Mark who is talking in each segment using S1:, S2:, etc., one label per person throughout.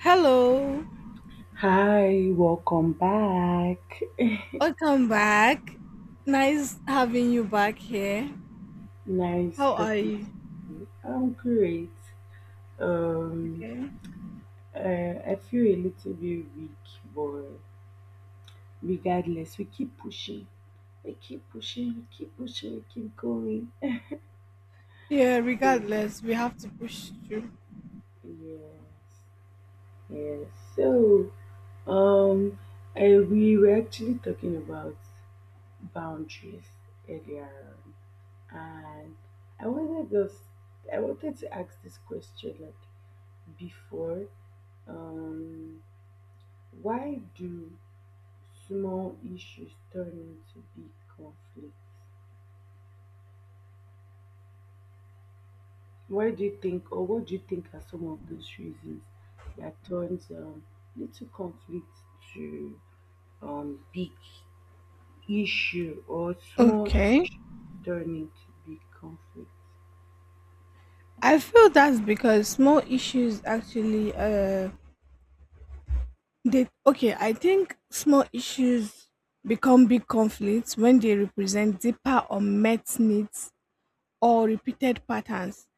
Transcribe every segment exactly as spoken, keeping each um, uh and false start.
S1: Hello,
S2: Hi, welcome back.
S1: welcome back. Nice having you back here.
S2: Nice
S1: How are
S2: talking
S1: you?
S2: to you. I'm great.
S1: Okay.
S2: Uh, I feel a little bit weak, but regardless, we keep pushing. We keep pushing, we keep pushing, we keep going.
S1: Yeah,
S2: Yeah.
S1: regardless, we have to push through.
S2: Yes, yes. So, um, I, we were actually talking about boundaries earlier, on, and I wanted us, I wanted to ask this question like before. Um, Why do small issues turn into big conflicts? Why do you think, or what do you think are some of those reasons that turns um, little conflicts to um, big issue or small
S1: Okay.
S2: issue turn into big conflicts?
S1: I feel that's because small issues actually uh they okay, I think small issues become big conflicts when they represent deeper unmet needs or repeated patterns.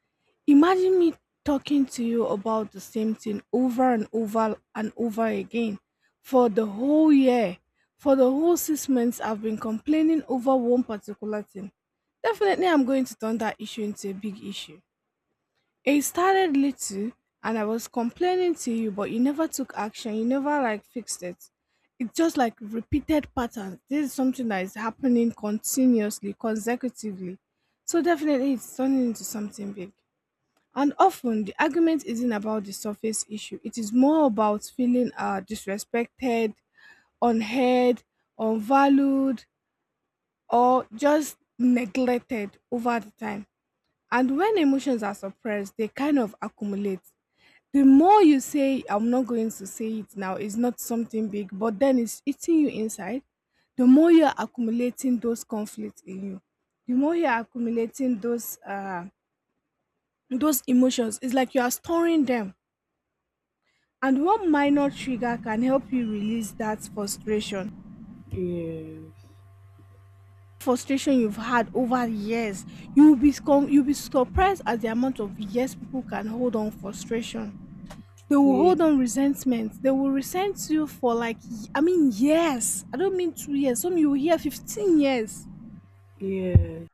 S1: Imagine me talking to you about the same thing over and over and over again for the whole year. For the whole six months, I've been complaining over one particular thing. Definitely, I'm going to turn that issue into a big issue. It started little, and I was complaining to you, but you never took action. You never like fixed it. It's just like repeated patterns. This is something that is happening continuously, consecutively. So definitely, it's turning into something big. And often the argument isn't about the surface issue. It is more about feeling uh, disrespected, unheard, unvalued, or just neglected over the time. And when emotions are suppressed, they kind of accumulate. The more you say, I'm not going to say it now, it's not something big, but then it's eating you inside, the more you're accumulating those conflicts in you, the more you're accumulating those uh, those emotions. It's like you are storing them. And one minor trigger can help you release that frustration.
S2: Yes,
S1: Frustration you've had over the years. You'll be scum- you'll be surprised at the amount of years people can hold on frustration. They will hold on resentment. They will resent you for like y- I mean years. I don't mean two years. Some you will hear fifteen years.
S2: yeah, yeah.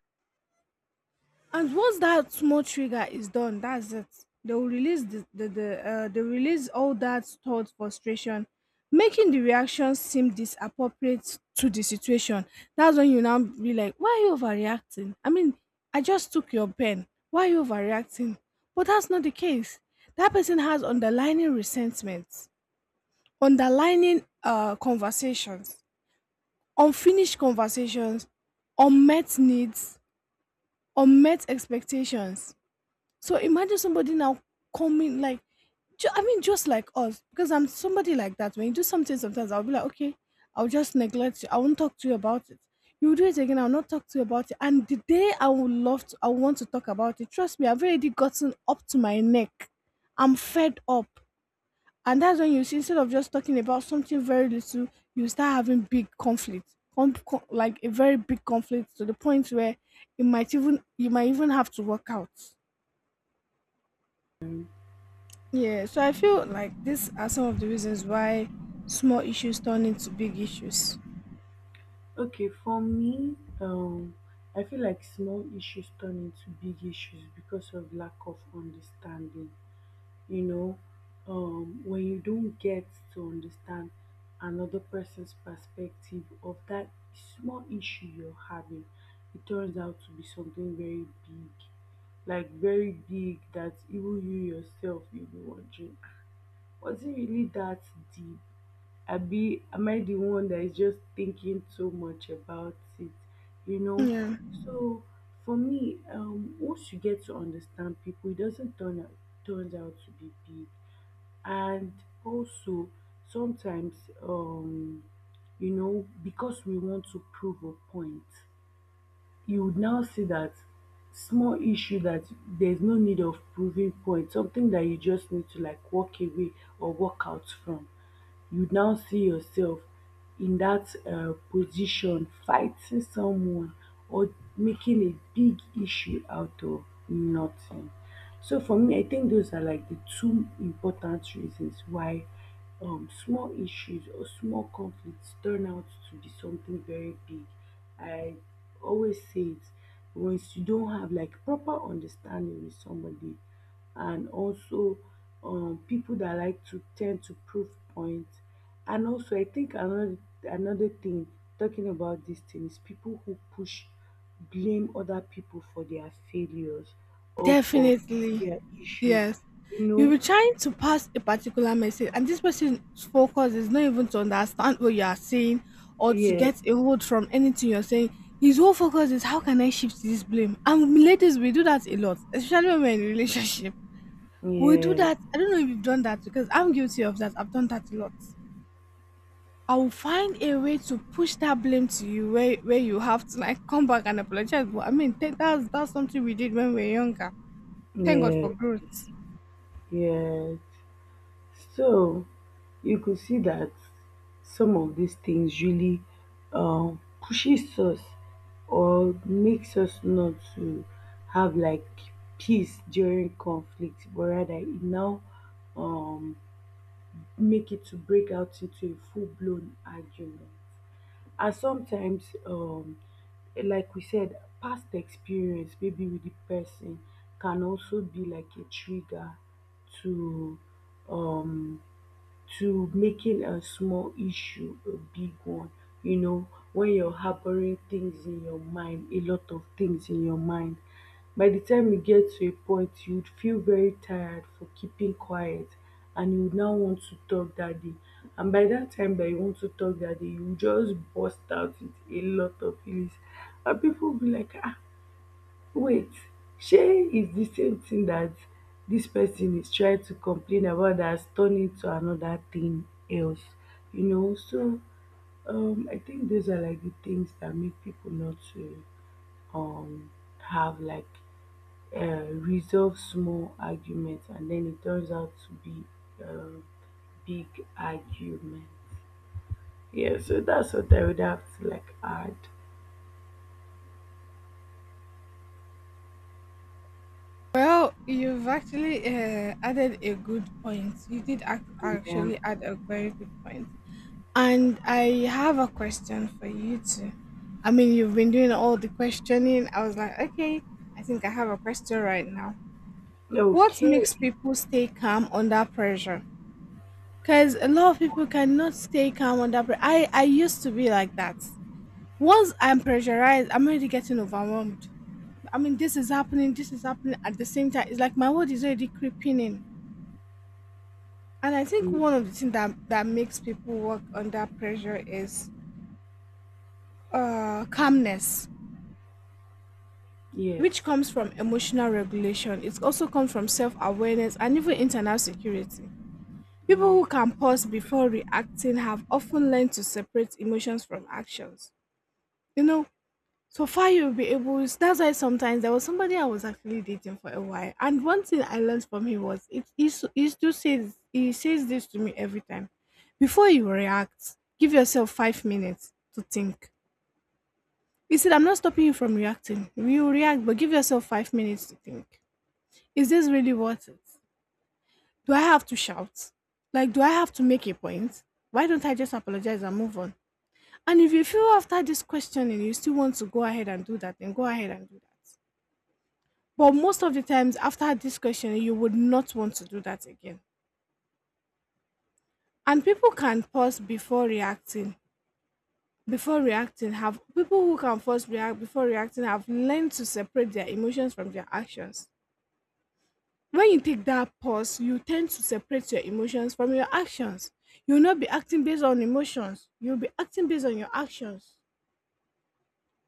S1: And once that small trigger is done, that's it. They will release the, the, the uh, they release all that stored frustration, making the reaction seem disappropriate to the situation. That's when you now be like, why are you overreacting? I mean, I just took your pen. Why are you overreacting? But that's not the case. That person has underlining resentments, underlining uh, conversations, unfinished conversations, unmet needs, unmet expectations. So imagine somebody now coming like, ju- I mean, just like us, because I'm somebody like that. When you do something, sometimes I'll be like, okay, I'll just neglect you. I won't talk to you about it. You do it again. I'll not talk to you about it. And the day I would love to, I want to talk about it. Trust me, I've already gotten up to my neck. I'm fed up. And that's when you see, instead of just talking about something very little, you start having big conflict, com- co- like a very big conflict to the point where it might even you might even have to work out. Yeah, so I feel like these are some of the reasons why small issues turn into big issues.
S2: Okay, for me, um, I feel like small issues turn into big issues because of lack of understanding. you know um when you don't get to understand another person's perspective of that small issue you're having, it turns out to be something very big, like very big, that even you yourself you'll be wondering, "Ah, was it really that deep? I be Am I the one that is just thinking too much about it? You know?"
S1: Yeah,
S2: So for me, um, once you get to understand people, it doesn't turn out turns out to be big. And also sometimes, um, you know, because we want to prove a point, you would now see that small issue that there's no need of proving point, something that you just need to like walk away or walk out from, you now see yourself in that uh, position fighting someone or making a big issue out of nothing. So for me, I think those are like the two important reasons why, um, small issues or small conflicts turn out to be something very big. I always say it, once you don't have like proper understanding with somebody, and also, um, people that like to tend to prove points. And also, I think another another thing talking about this thing is people who push blame other people for their failures or for
S1: definitely.
S2: their issues,
S1: Yes.
S2: you
S1: You'll
S2: know?
S1: be trying to pass a particular message, and this person's focus is not even to understand what you are saying or to
S2: Yeah,
S1: get a hold from anything you're saying. His whole focus is how can I shift this blame? And ladies, we do that a lot, especially when we're in relationship. We do
S2: yeah,
S1: that. I don't know if you've done that because I'm guilty of that. I've done that a lot. I will find a way to push that blame to you, where where you have to like come back and apologize. But I mean tha- that's that's something we did when we were younger. Thank God
S2: yeah,
S1: for growth.
S2: yeah. So you could see that some of these things really, um, pushes us or makes us not to have like peace during conflict, but rather it now, um, make it to break out into a full blown argument. And sometimes, um like we said, past experience maybe with the person can also be like a trigger to, um to making a small issue a big one. You know, when you're harboring things in your mind, a lot of things in your mind, by the time you get to a point, you'd feel very tired for keeping quiet and you would now want to talk that day. And by that time that you want to talk that day, you will just burst out with a lot of feelings. And people will be like, ah, wait, shey is the same thing that this person is trying to complain about that's turning to another thing else, you know? So um I think those are like the things that make people not to, um have like, uh, resolve small arguments, and then it turns out to be um big argument. Yeah, so that's what I would have to like add.
S1: Well, you've actually uh, added a good point. You did ac-
S2: Yeah.
S1: actually add a very good point. And I have a question for you too. I mean, you've been doing all the questioning. I was like, okay, I think I have a question right now. What makes
S2: Okay.
S1: people stay calm under pressure? Because a lot of people cannot stay calm under pressure. I, I used to be like that. Once I'm pressurized, I'm already getting overwhelmed. I mean, this is happening, this is happening at the same time. It's like my world is already creeping in. And I think one of the things that, that makes people work under pressure is uh, calmness,
S2: Yes.
S1: which comes from emotional regulation. It also comes from self awareness and even internal security. People
S2: Yeah.
S1: who can pause before reacting have often learned to separate emotions from actions. You know, so far, you'll be able. That's why sometimes there was somebody I was actually dating for a while, and one thing I learned from him was it. He, s- he still says he says this to me every time. Before you react, give yourself five minutes to think. He said, "I'm not stopping you from reacting. You react, but give yourself five minutes to think. Is this really worth it? Do I have to shout? Like, do I have to make a point? Why don't I just apologize and move on? And if you feel after this questioning you still want to go ahead and do that, then go ahead and do that." But most of the times after this question, you would not want to do that again. And people can pause before reacting. Before reacting, have people who can first react before reacting have learned to separate their emotions from their actions. When you take that pause, you tend to separate your emotions from your actions. You'll not be acting based on emotions, you'll be acting based on your actions.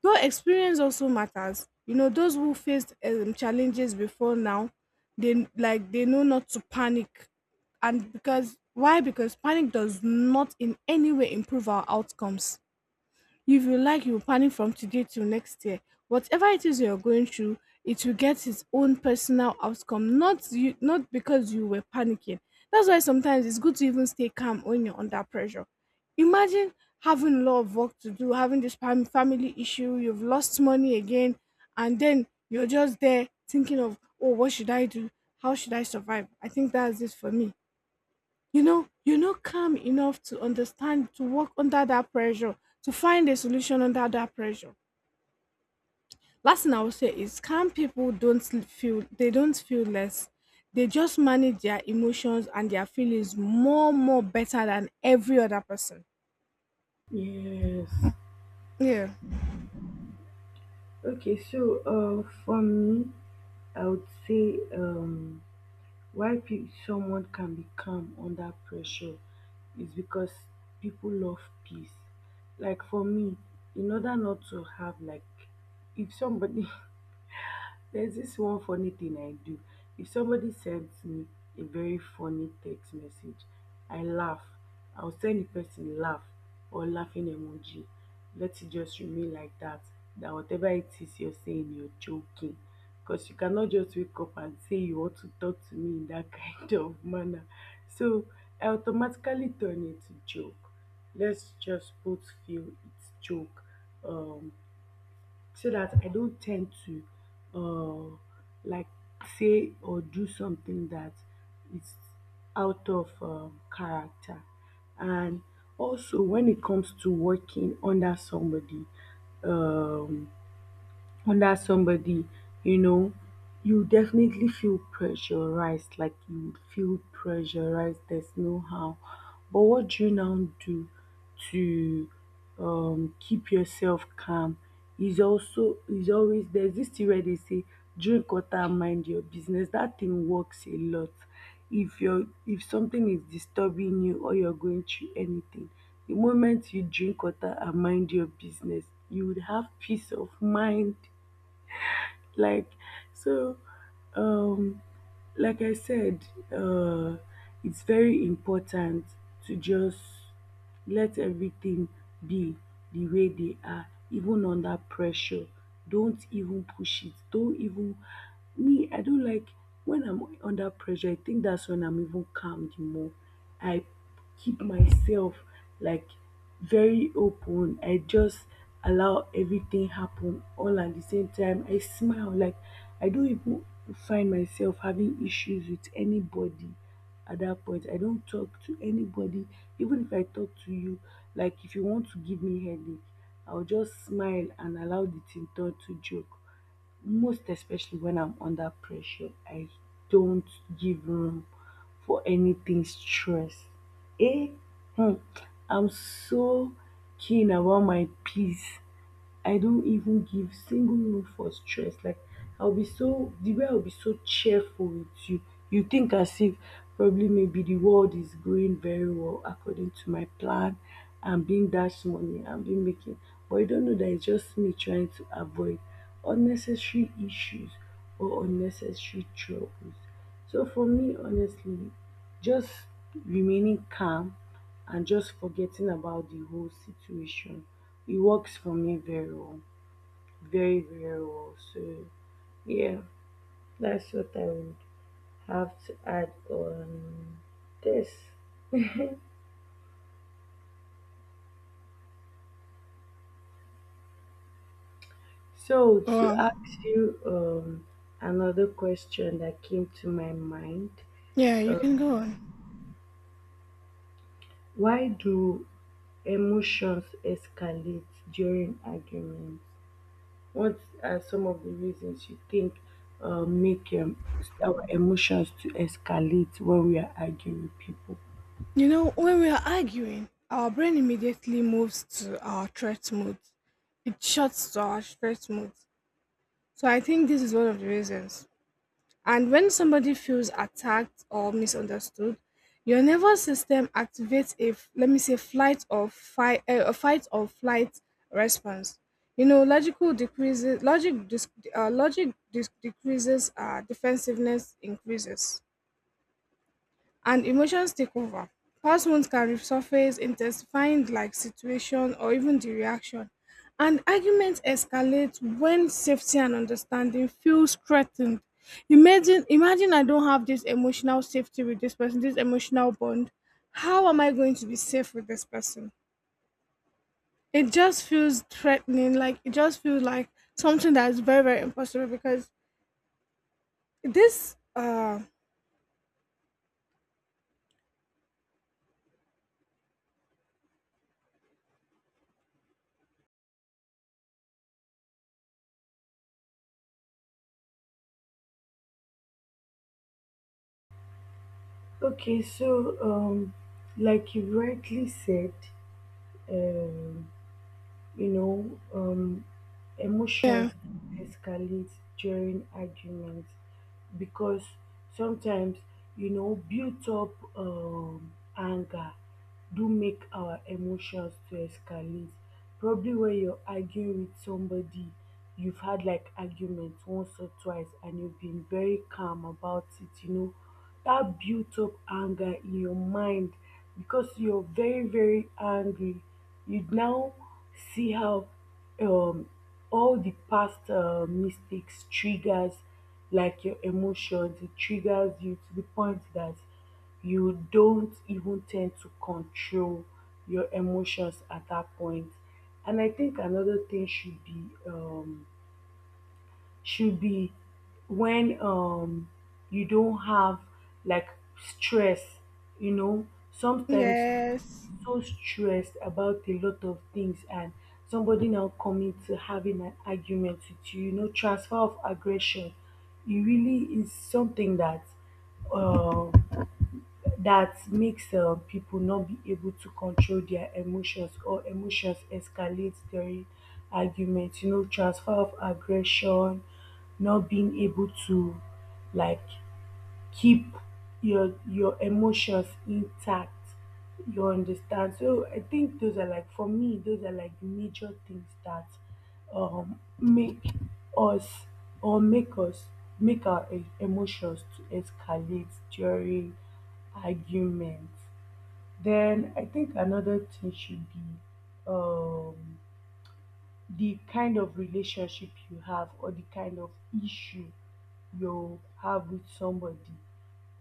S1: Your experience also matters. You know, those who faced um, challenges before now, they like they know not to panic, and because why? Because panic does not in any way improve our outcomes. If you like, you'll panic from today till next year. Whatever it is you're going through, it will get its own personal outcome, not you, not because you were panicking. That's why sometimes it's good to even stay calm when you're under pressure. Imagine having a lot of work to do, having this fam- family issue, you've lost money again, and then you're just there thinking of, oh, what should I do? How should I survive? I think that's it for me. You know, you're not calm enough to understand, to work under that pressure, to find a solution under that pressure. Last thing I will say is calm people don't l- feel, they don't feel less. They just manage their emotions and their feelings more, more better than every other person.
S2: Yes.
S1: Yeah.
S2: Okay, so uh, for me, I would say, um, why pe- someone can be calm under pressure is because people love peace. Like for me, in order not to have like, if somebody there's this one funny thing I do. If somebody sends me a very funny text message, I laugh. I'll send the person laugh or laughing emoji. Let it just remain like that. That whatever it is you're saying, you're joking. Because you cannot just wake up and say you want to talk to me in that kind of manner. So I automatically turn it to joke. Let's just both feel it's joke. Um so that I don't tend to, uh, like say or do something that is out of um, character. And also, when it comes to working under somebody, um, under somebody, you know, you definitely feel pressurized, like you would feel pressurized, there's no how. But what do you now do to, um, keep yourself calm, is also is always, there's this thing where they say, drink water, mind your business. That thing works a lot. If you're if something is disturbing you or you're going through anything, the moment you drink water and mind your business, you would have peace of mind. Like so um like I said, uh it's very important to just let everything be the way they are even under pressure. Don't even push it, don't even, me I don't like, when I'm under pressure, I think that's when I'm even calm the more. I keep myself like very open. I just allow everything happen all at the same time. I smile, like I don't even find myself having issues with anybody at that point. I don't talk to anybody. Even if I talk to you, like if you want to give me headache, I'll just smile and allow the thing turn to joke, most especially when I'm under pressure. I don't give room for anything stress. Eh, hmm, I'm so keen about my peace, I don't even give single room for stress. Like I'll be so, the way I'll be so cheerful with you. You think as if probably maybe the world is going very well according to my plan. I'm being dashed money, I'm being making, but you don't know that it's just me trying to avoid unnecessary issues or unnecessary troubles. So for me honestly, just remaining calm and just forgetting about the whole situation. It works for me very well, very, very well. So, yeah, that's what I would have to add on this. So, to
S1: Well,
S2: ask you, um, another question that came to my mind,
S1: yeah, you can go on.
S2: why do emotions escalate during arguments? What are some of the reasons you think, uh, make, um, our emotions to escalate when we are arguing with people?
S1: You know, when we are arguing, our brain immediately moves to our threat mode. It shuts to our threat mode. So I think this is one of the reasons. And when somebody feels attacked or misunderstood, your nervous system activates a f- let me say, flight or fight uh, a fight or flight response. You know, logical decreases logic dis- uh, logic dis- decreases, uh, defensiveness increases and emotions take over. Past wounds can resurface, intensifying the, like situation or even the reaction. And arguments escalate when safety and understanding feels threatened. Imagine, imagine I don't have this emotional safety with this person, this emotional bond. How am I going to be safe with this person? It just feels threatening. Like it just feels like something that is very, very impossible because this. Uh,
S2: Okay, so um, like you rightly said, um, you know, um, emotions
S1: yeah.
S2: escalate during arguments because sometimes, you know, built up um anger do make our emotions to escalate. Probably when you're arguing with somebody, you've had like argument once or twice and you've been very calm about it, you know. That built up anger in your mind, because you're very, very angry. You now see how, um, all the past uh, mistakes triggers like your emotions, it triggers you to the point that you don't even tend to control your emotions at that point point. And I think another thing should be, um should be when, um you don't have like stress. You know sometimes
S1: Yes.
S2: you're so stressed about a lot of things, and somebody now coming to having an argument with you, you know, transfer of aggression, it really is something that, um that makes, um people not be able to control their emotions, or emotions escalate during argument, you know, transfer of aggression, not being able to like keep your your emotions intact, you understand? So I think those are like, for me those are like the major things that um make us, or make us, make our e- emotions to escalate during arguments. Then I think another thing should be, um the kind of relationship you have or the kind of issue you have with somebody,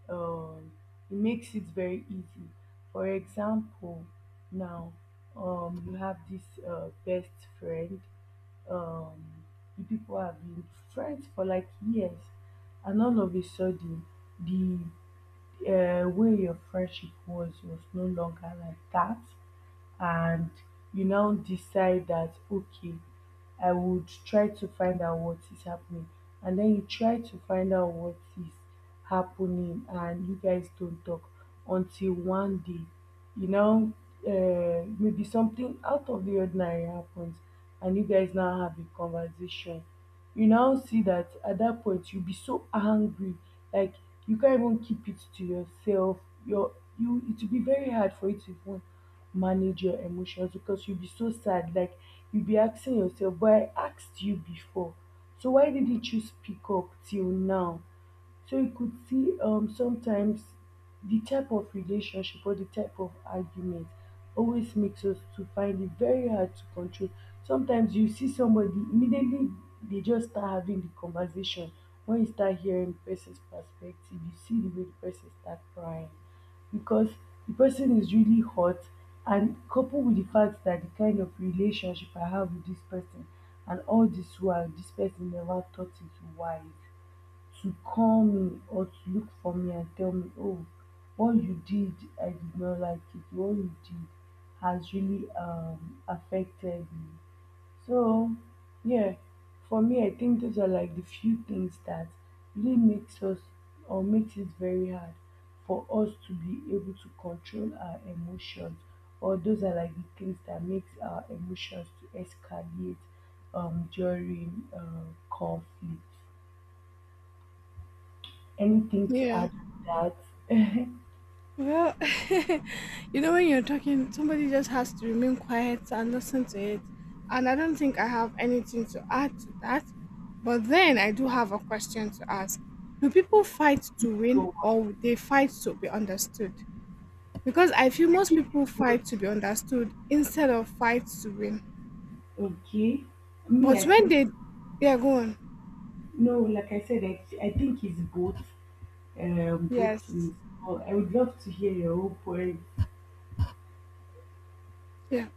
S2: um, it makes it very easy. For example, now, um, you have this, uh, best friend. Um, you people have been friends for like years, and all of a sudden, the, uh, way your friendship was was no longer like that, and you now decide that okay, I would try to find out what is happening, and then you try to find out what is happening and you guys don't talk until one day, you know, uh, maybe something out of the ordinary happens and you guys now have a conversation. You now see that at that point you'll be so angry, like you can't even keep it to yourself. your you, it will be very hard for you to even manage your emotions, because you'll be so sad. Like you'll be asking yourself, but I asked you before. So why didn't you speak up till now? So you could see um sometimes the type of relationship or the type of argument always makes us to find it very hard to control. Sometimes you see somebody immediately they just start having the conversation. When you start hearing the person's perspective, you see the way the person start crying, because the person is really hot, and coupled with the fact that the kind of relationship I have with this person, and all this while this person never thought it wise to call me or to look for me and tell me, oh, what you did, I did not like it. What you did has really, um, affected me. So, yeah, for me, I think those are like the few things that really makes us or makes it very hard for us to be able to control our emotions. Or those are like the things that makes our emotions to escalate, um, during uh, conflict. Anything to
S1: Yeah.
S2: add to that?
S1: Well, you know, when you're talking, somebody just has to remain quiet and listen to it. And I don't think I have anything to add to that. But then I do have a question to ask. Do people fight to win
S2: Go on.
S1: or they fight to be understood? Because I feel most
S2: It's
S1: people
S2: both.
S1: fight to be understood instead of fight to win.
S2: Okay. Me,
S1: But
S2: I
S1: when
S2: feel
S1: they, yeah, go on.
S2: no. Like I said, I, I think it's both um, both ways.
S1: Yes.
S2: But I would love to hear your own point.
S1: Yeah.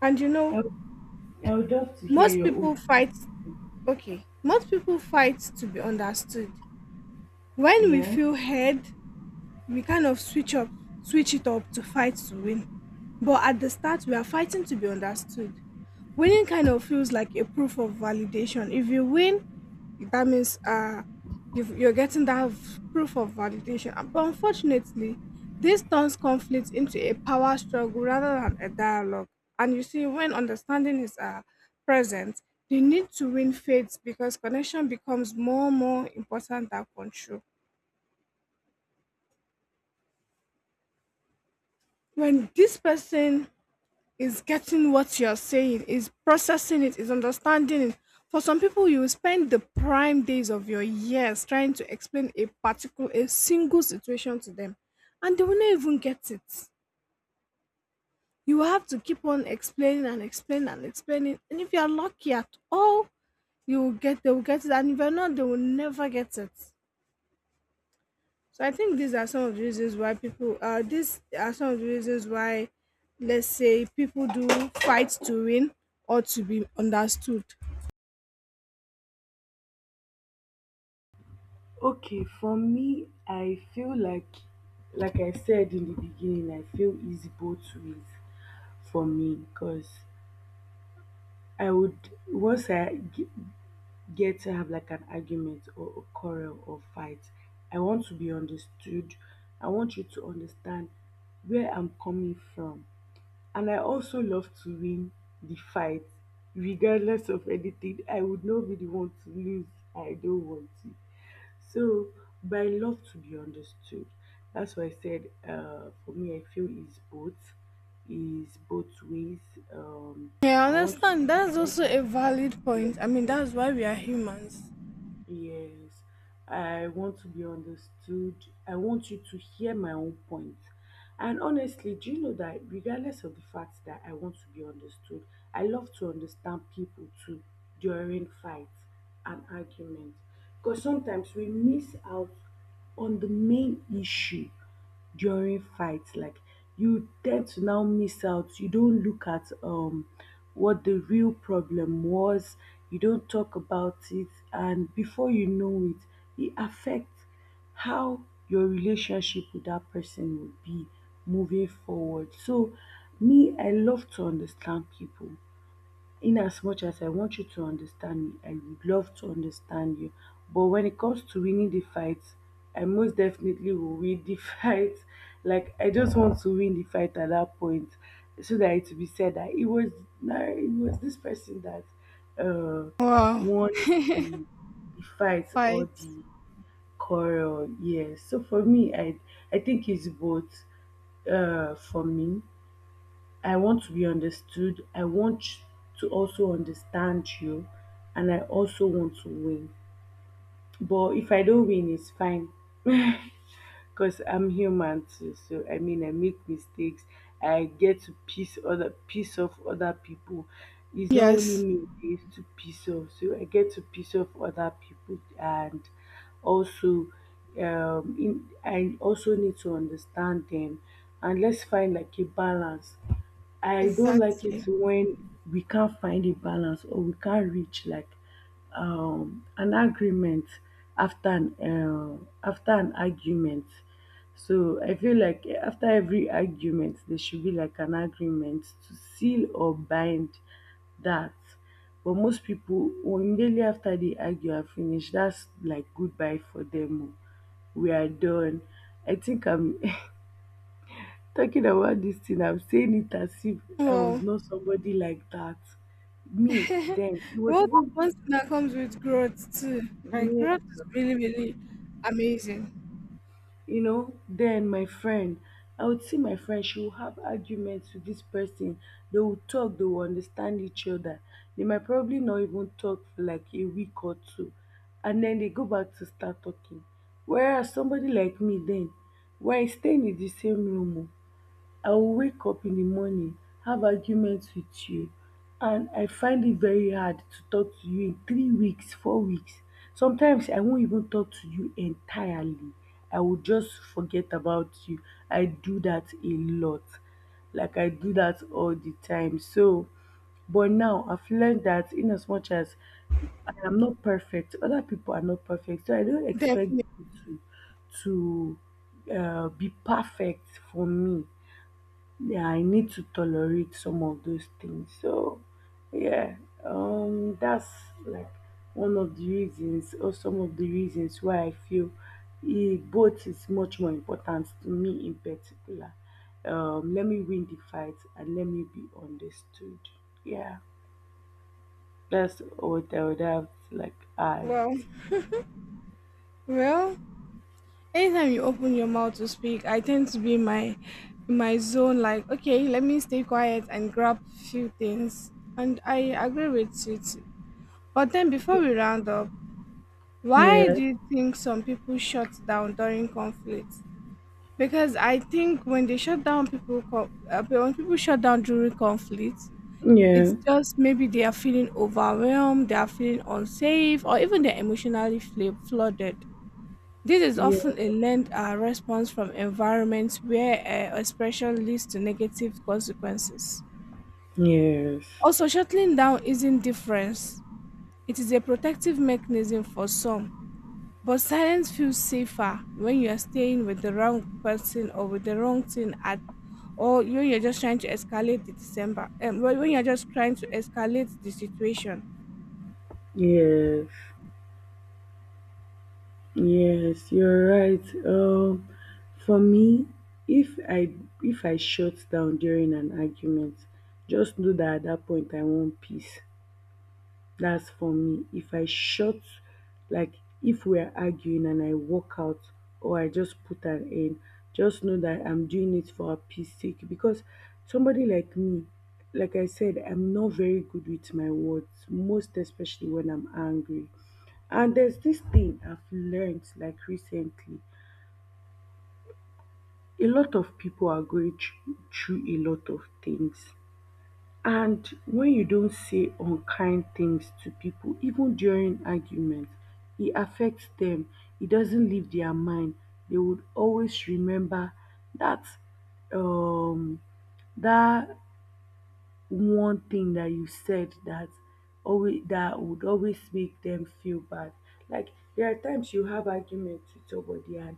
S1: And you
S2: I
S1: know,
S2: would, I would love to hear
S1: most
S2: your
S1: people
S2: own.
S1: fight, okay, most people fight to be understood. When we
S2: Yeah.
S1: feel heard, we kind of switch up switch it up to fight to win. But at the start we are fighting to be understood. Winning kind of feels like a proof of validation. If you win, that means uh you've, you're getting that v- proof of validation. Uh, But unfortunately, this turns conflict into a power struggle rather than a dialogue. And you see, when understanding is uh, present, the need to win fades because connection becomes more more important than control. When this person is getting what you're saying, is processing it, is understanding it. For some people, you will spend the prime days of your years trying to explain a particular, a single situation to them, and they will not even get it. You will have to keep on explaining and explaining and explaining. And if you are lucky at all, you will get, they will get it. And if you're not, they will never get it. So I think these are some of the reasons why people uh these are some of the reasons why let's say people do fight to win or to be understood.
S2: Okay. For me, I feel like, like I said in the beginning, I feel easy both ways for me because I would once I g- get to have like an argument or a quarrel or fight, I want to be understood. I want you to understand where I'm coming from. And I also love to win the fight regardless of anything. I would not be the one to lose. I don't want to. So, but I love to be understood. That's why I said uh, for me, I feel is both, is both ways. Um,
S1: Yeah, I
S2: I want to
S1: understand. That's also a valid
S2: be
S1: point. I mean
S2: everywhere.
S1: that's why we are humans.
S2: Yes, I want to be understood. I want you to hear my own point. And honestly, do you know that regardless of the fact that I want to be understood, I love to understand people too during fights and arguments. Because sometimes we miss out on the main issue during fights, like you tend to now miss out you don't look at um what the real problem was, you don't talk about it, and before you know it, it affects how your relationship with that person will be moving forward. So me, I love to understand people. In as much as I want you to understand me, I would love to understand you. But when it comes to winning the fight, I most definitely will win the fight. Like I just want to win the fight at that point, so that it will be said that it was, nah, it was this person that uh
S1: Wow.
S2: won the, the fight or
S1: Fight.
S2: the quarrel. Yes. So for me, I I think it's both, uh for me. I want to be understood. I want to also understand you, and I also want to win. But if I don't win, it's fine because I'm human too. So I mean, I make mistakes. I get to piss other piss off other people. It's not only
S1: Yes,
S2: me; it's to piss off. So I get to piss off other people, and also, um, in, I also need to understand them. And let's find like a balance. I don't like it
S1: exactly.
S2: when we can't find a balance or we can't reach like um, an agreement after an uh, after an argument. So I feel like after every argument, there should be like an agreement to seal or bind that. But most people, well, immediately after they argue and finish, that's like goodbye for them. Oh. We are done. I think I'm talking about this thing, I'm saying it as if I was
S1: Well,
S2: not somebody like that. Me, then, it was
S1: well
S2: even,
S1: that's one thing that comes with growth too. Like
S2: near-
S1: growth is really, really amazing.
S2: you know, then my friend, I would see my friend, she will have arguments with this person. They will talk, they will understand each other. They might probably not even talk for like a week or two. And then they go back to start talking. Whereas somebody like me, then, we're staying in the same room. Oh, I will wake up in the morning, have arguments with you, and I find it very hard to talk to you in three weeks, four weeks. Sometimes I won't even talk to you entirely. I will just forget about you. I do that a lot. Like I do that all the time. So, but now I've learned that in as much as I am not perfect, other people are not perfect. So I don't expect
S1: Definitely.
S2: to uh, be perfect for me. Yeah, I need to tolerate some of those things. So, yeah, um, that's like one of the reasons, or some of the reasons why I feel, eh, both is much more important to me in particular. Um, let me win the fight and let me be understood. Yeah, that's what I would have to, like, add.
S1: Well, well, anytime you open your mouth to speak, I tend to be in my in my zone. Like, okay, let me stay quiet and grab few things. And I agree with it. But then, before
S2: Yeah,
S1: we round up, why
S2: yeah,
S1: do you think some people shut down during conflict? Because I think when they shut down people, co- uh, when people shut down during conflict, it's just maybe they are feeling overwhelmed, they are feeling unsafe, or even they're emotionally fla- flooded. This is
S2: yeah,
S1: often a learned uh, response from environments where uh, expression leads to negative consequences.
S2: yes,
S1: Also, shutting down isn't difference. It is a protective mechanism for some, but silence feels safer when you are staying with the wrong person or with the wrong thing at, or when you're just trying to escalate the December, um, when when you're just trying to escalate the situation.
S2: yes. Yes, you're right. Um, for me, if I if I shut down during an argument, just know that at that point I want peace. That's for me. If I shut, like if we're arguing and I walk out or I just put an end, just know that I'm doing it for a peace sake. Because somebody like me, like I said, I'm not very good with my words, most especially when I'm angry. And there's this thing I've learned like recently. A lot of people are going through, through a lot of things. And when you don't say unkind things to people, even during arguments, it affects them. It doesn't leave their mind. They would always remember that, um that one thing that you said that, always that would always make them feel bad. Like there are times you have arguments with somebody and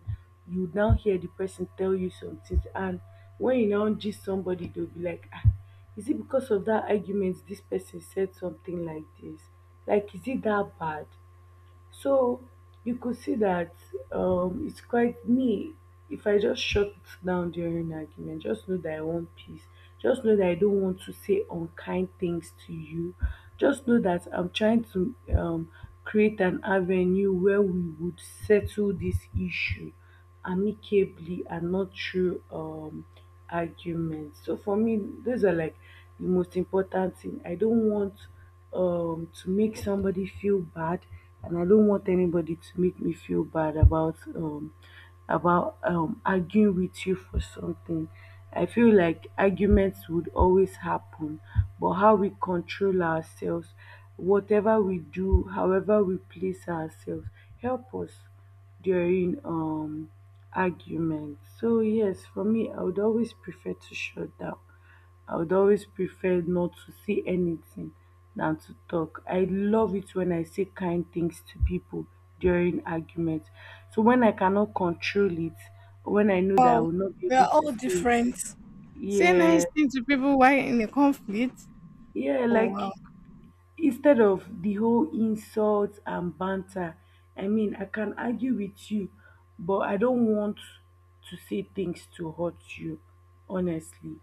S2: you now hear the person tell you something, and when you now gist somebody, they'll be like, ah, is it because of that argument this person said something like this? Like, is it that bad? So you could see that um, it's quite me. If I just shut down during an argument, just know that I want peace. Just know that I don't want to say unkind things to you. Just know that I'm trying to um, create an avenue where we would settle this issue amicably and not through um, arguments. So for me, those are like the most important thing. I don't want um to make somebody feel bad, and I don't want anybody to make me feel bad about um about um arguing with you for something. I feel like arguments would always happen, but how we control ourselves, whatever we do, however we place ourselves, help us during um arguments. So yes, for me, I would always prefer to shut down. I would always prefer not to say anything than to talk. I love it when I say kind things to people during arguments. So when I cannot control it, when I know that I
S1: Well,
S2: will not be
S1: we
S2: able
S1: are
S2: to
S1: all
S2: say,
S1: different. Say nice
S2: yeah,
S1: things to people while in a conflict.
S2: yeah,
S1: Oh
S2: like
S1: wow,
S2: instead of the whole insults and banter, I mean, I can argue with you, but I don't want to say things to hurt you, honestly.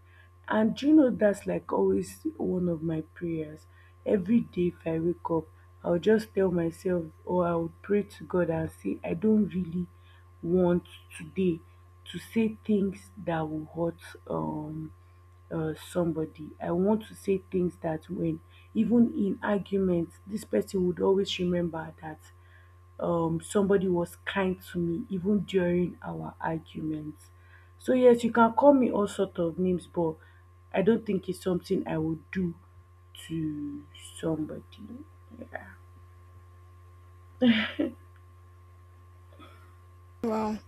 S2: And do you know that's like always one of my prayers? Every day, if I wake up, I'll just tell myself, or I would pray to God and say, I don't really want today to say things that will hurt um uh, somebody. I want to say things that when, even in arguments, this person would always remember that, um, somebody was kind to me even during our arguments. So yes, you can call me all sort of names, but I don't think it's something I would do to somebody.
S1: wow.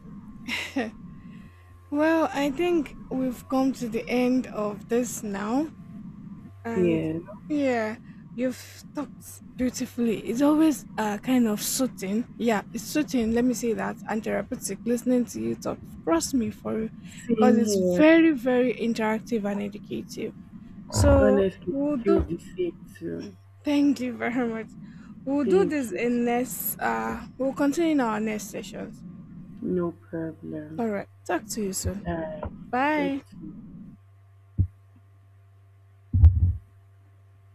S1: Well, I think we've come to the end of this now. And
S2: Yeah,
S1: yeah, you've talked beautifully. It's always uh, kind of soothing. Yeah, it's soothing. Let me say that. And therapeutic listening to you talk. Trust me for because
S2: same
S1: it's
S2: here.
S1: very, very interactive and educative. So
S2: Honestly,
S1: we'll
S2: feel
S1: do.
S2: the same too.
S1: Thank you very much. We'll do
S2: Thank
S1: this
S2: you.
S1: in next. Uh, we'll continue in our next sessions.
S2: No problem.
S1: All right. Talk to you soon.
S2: Uh,
S1: Bye.
S2: that's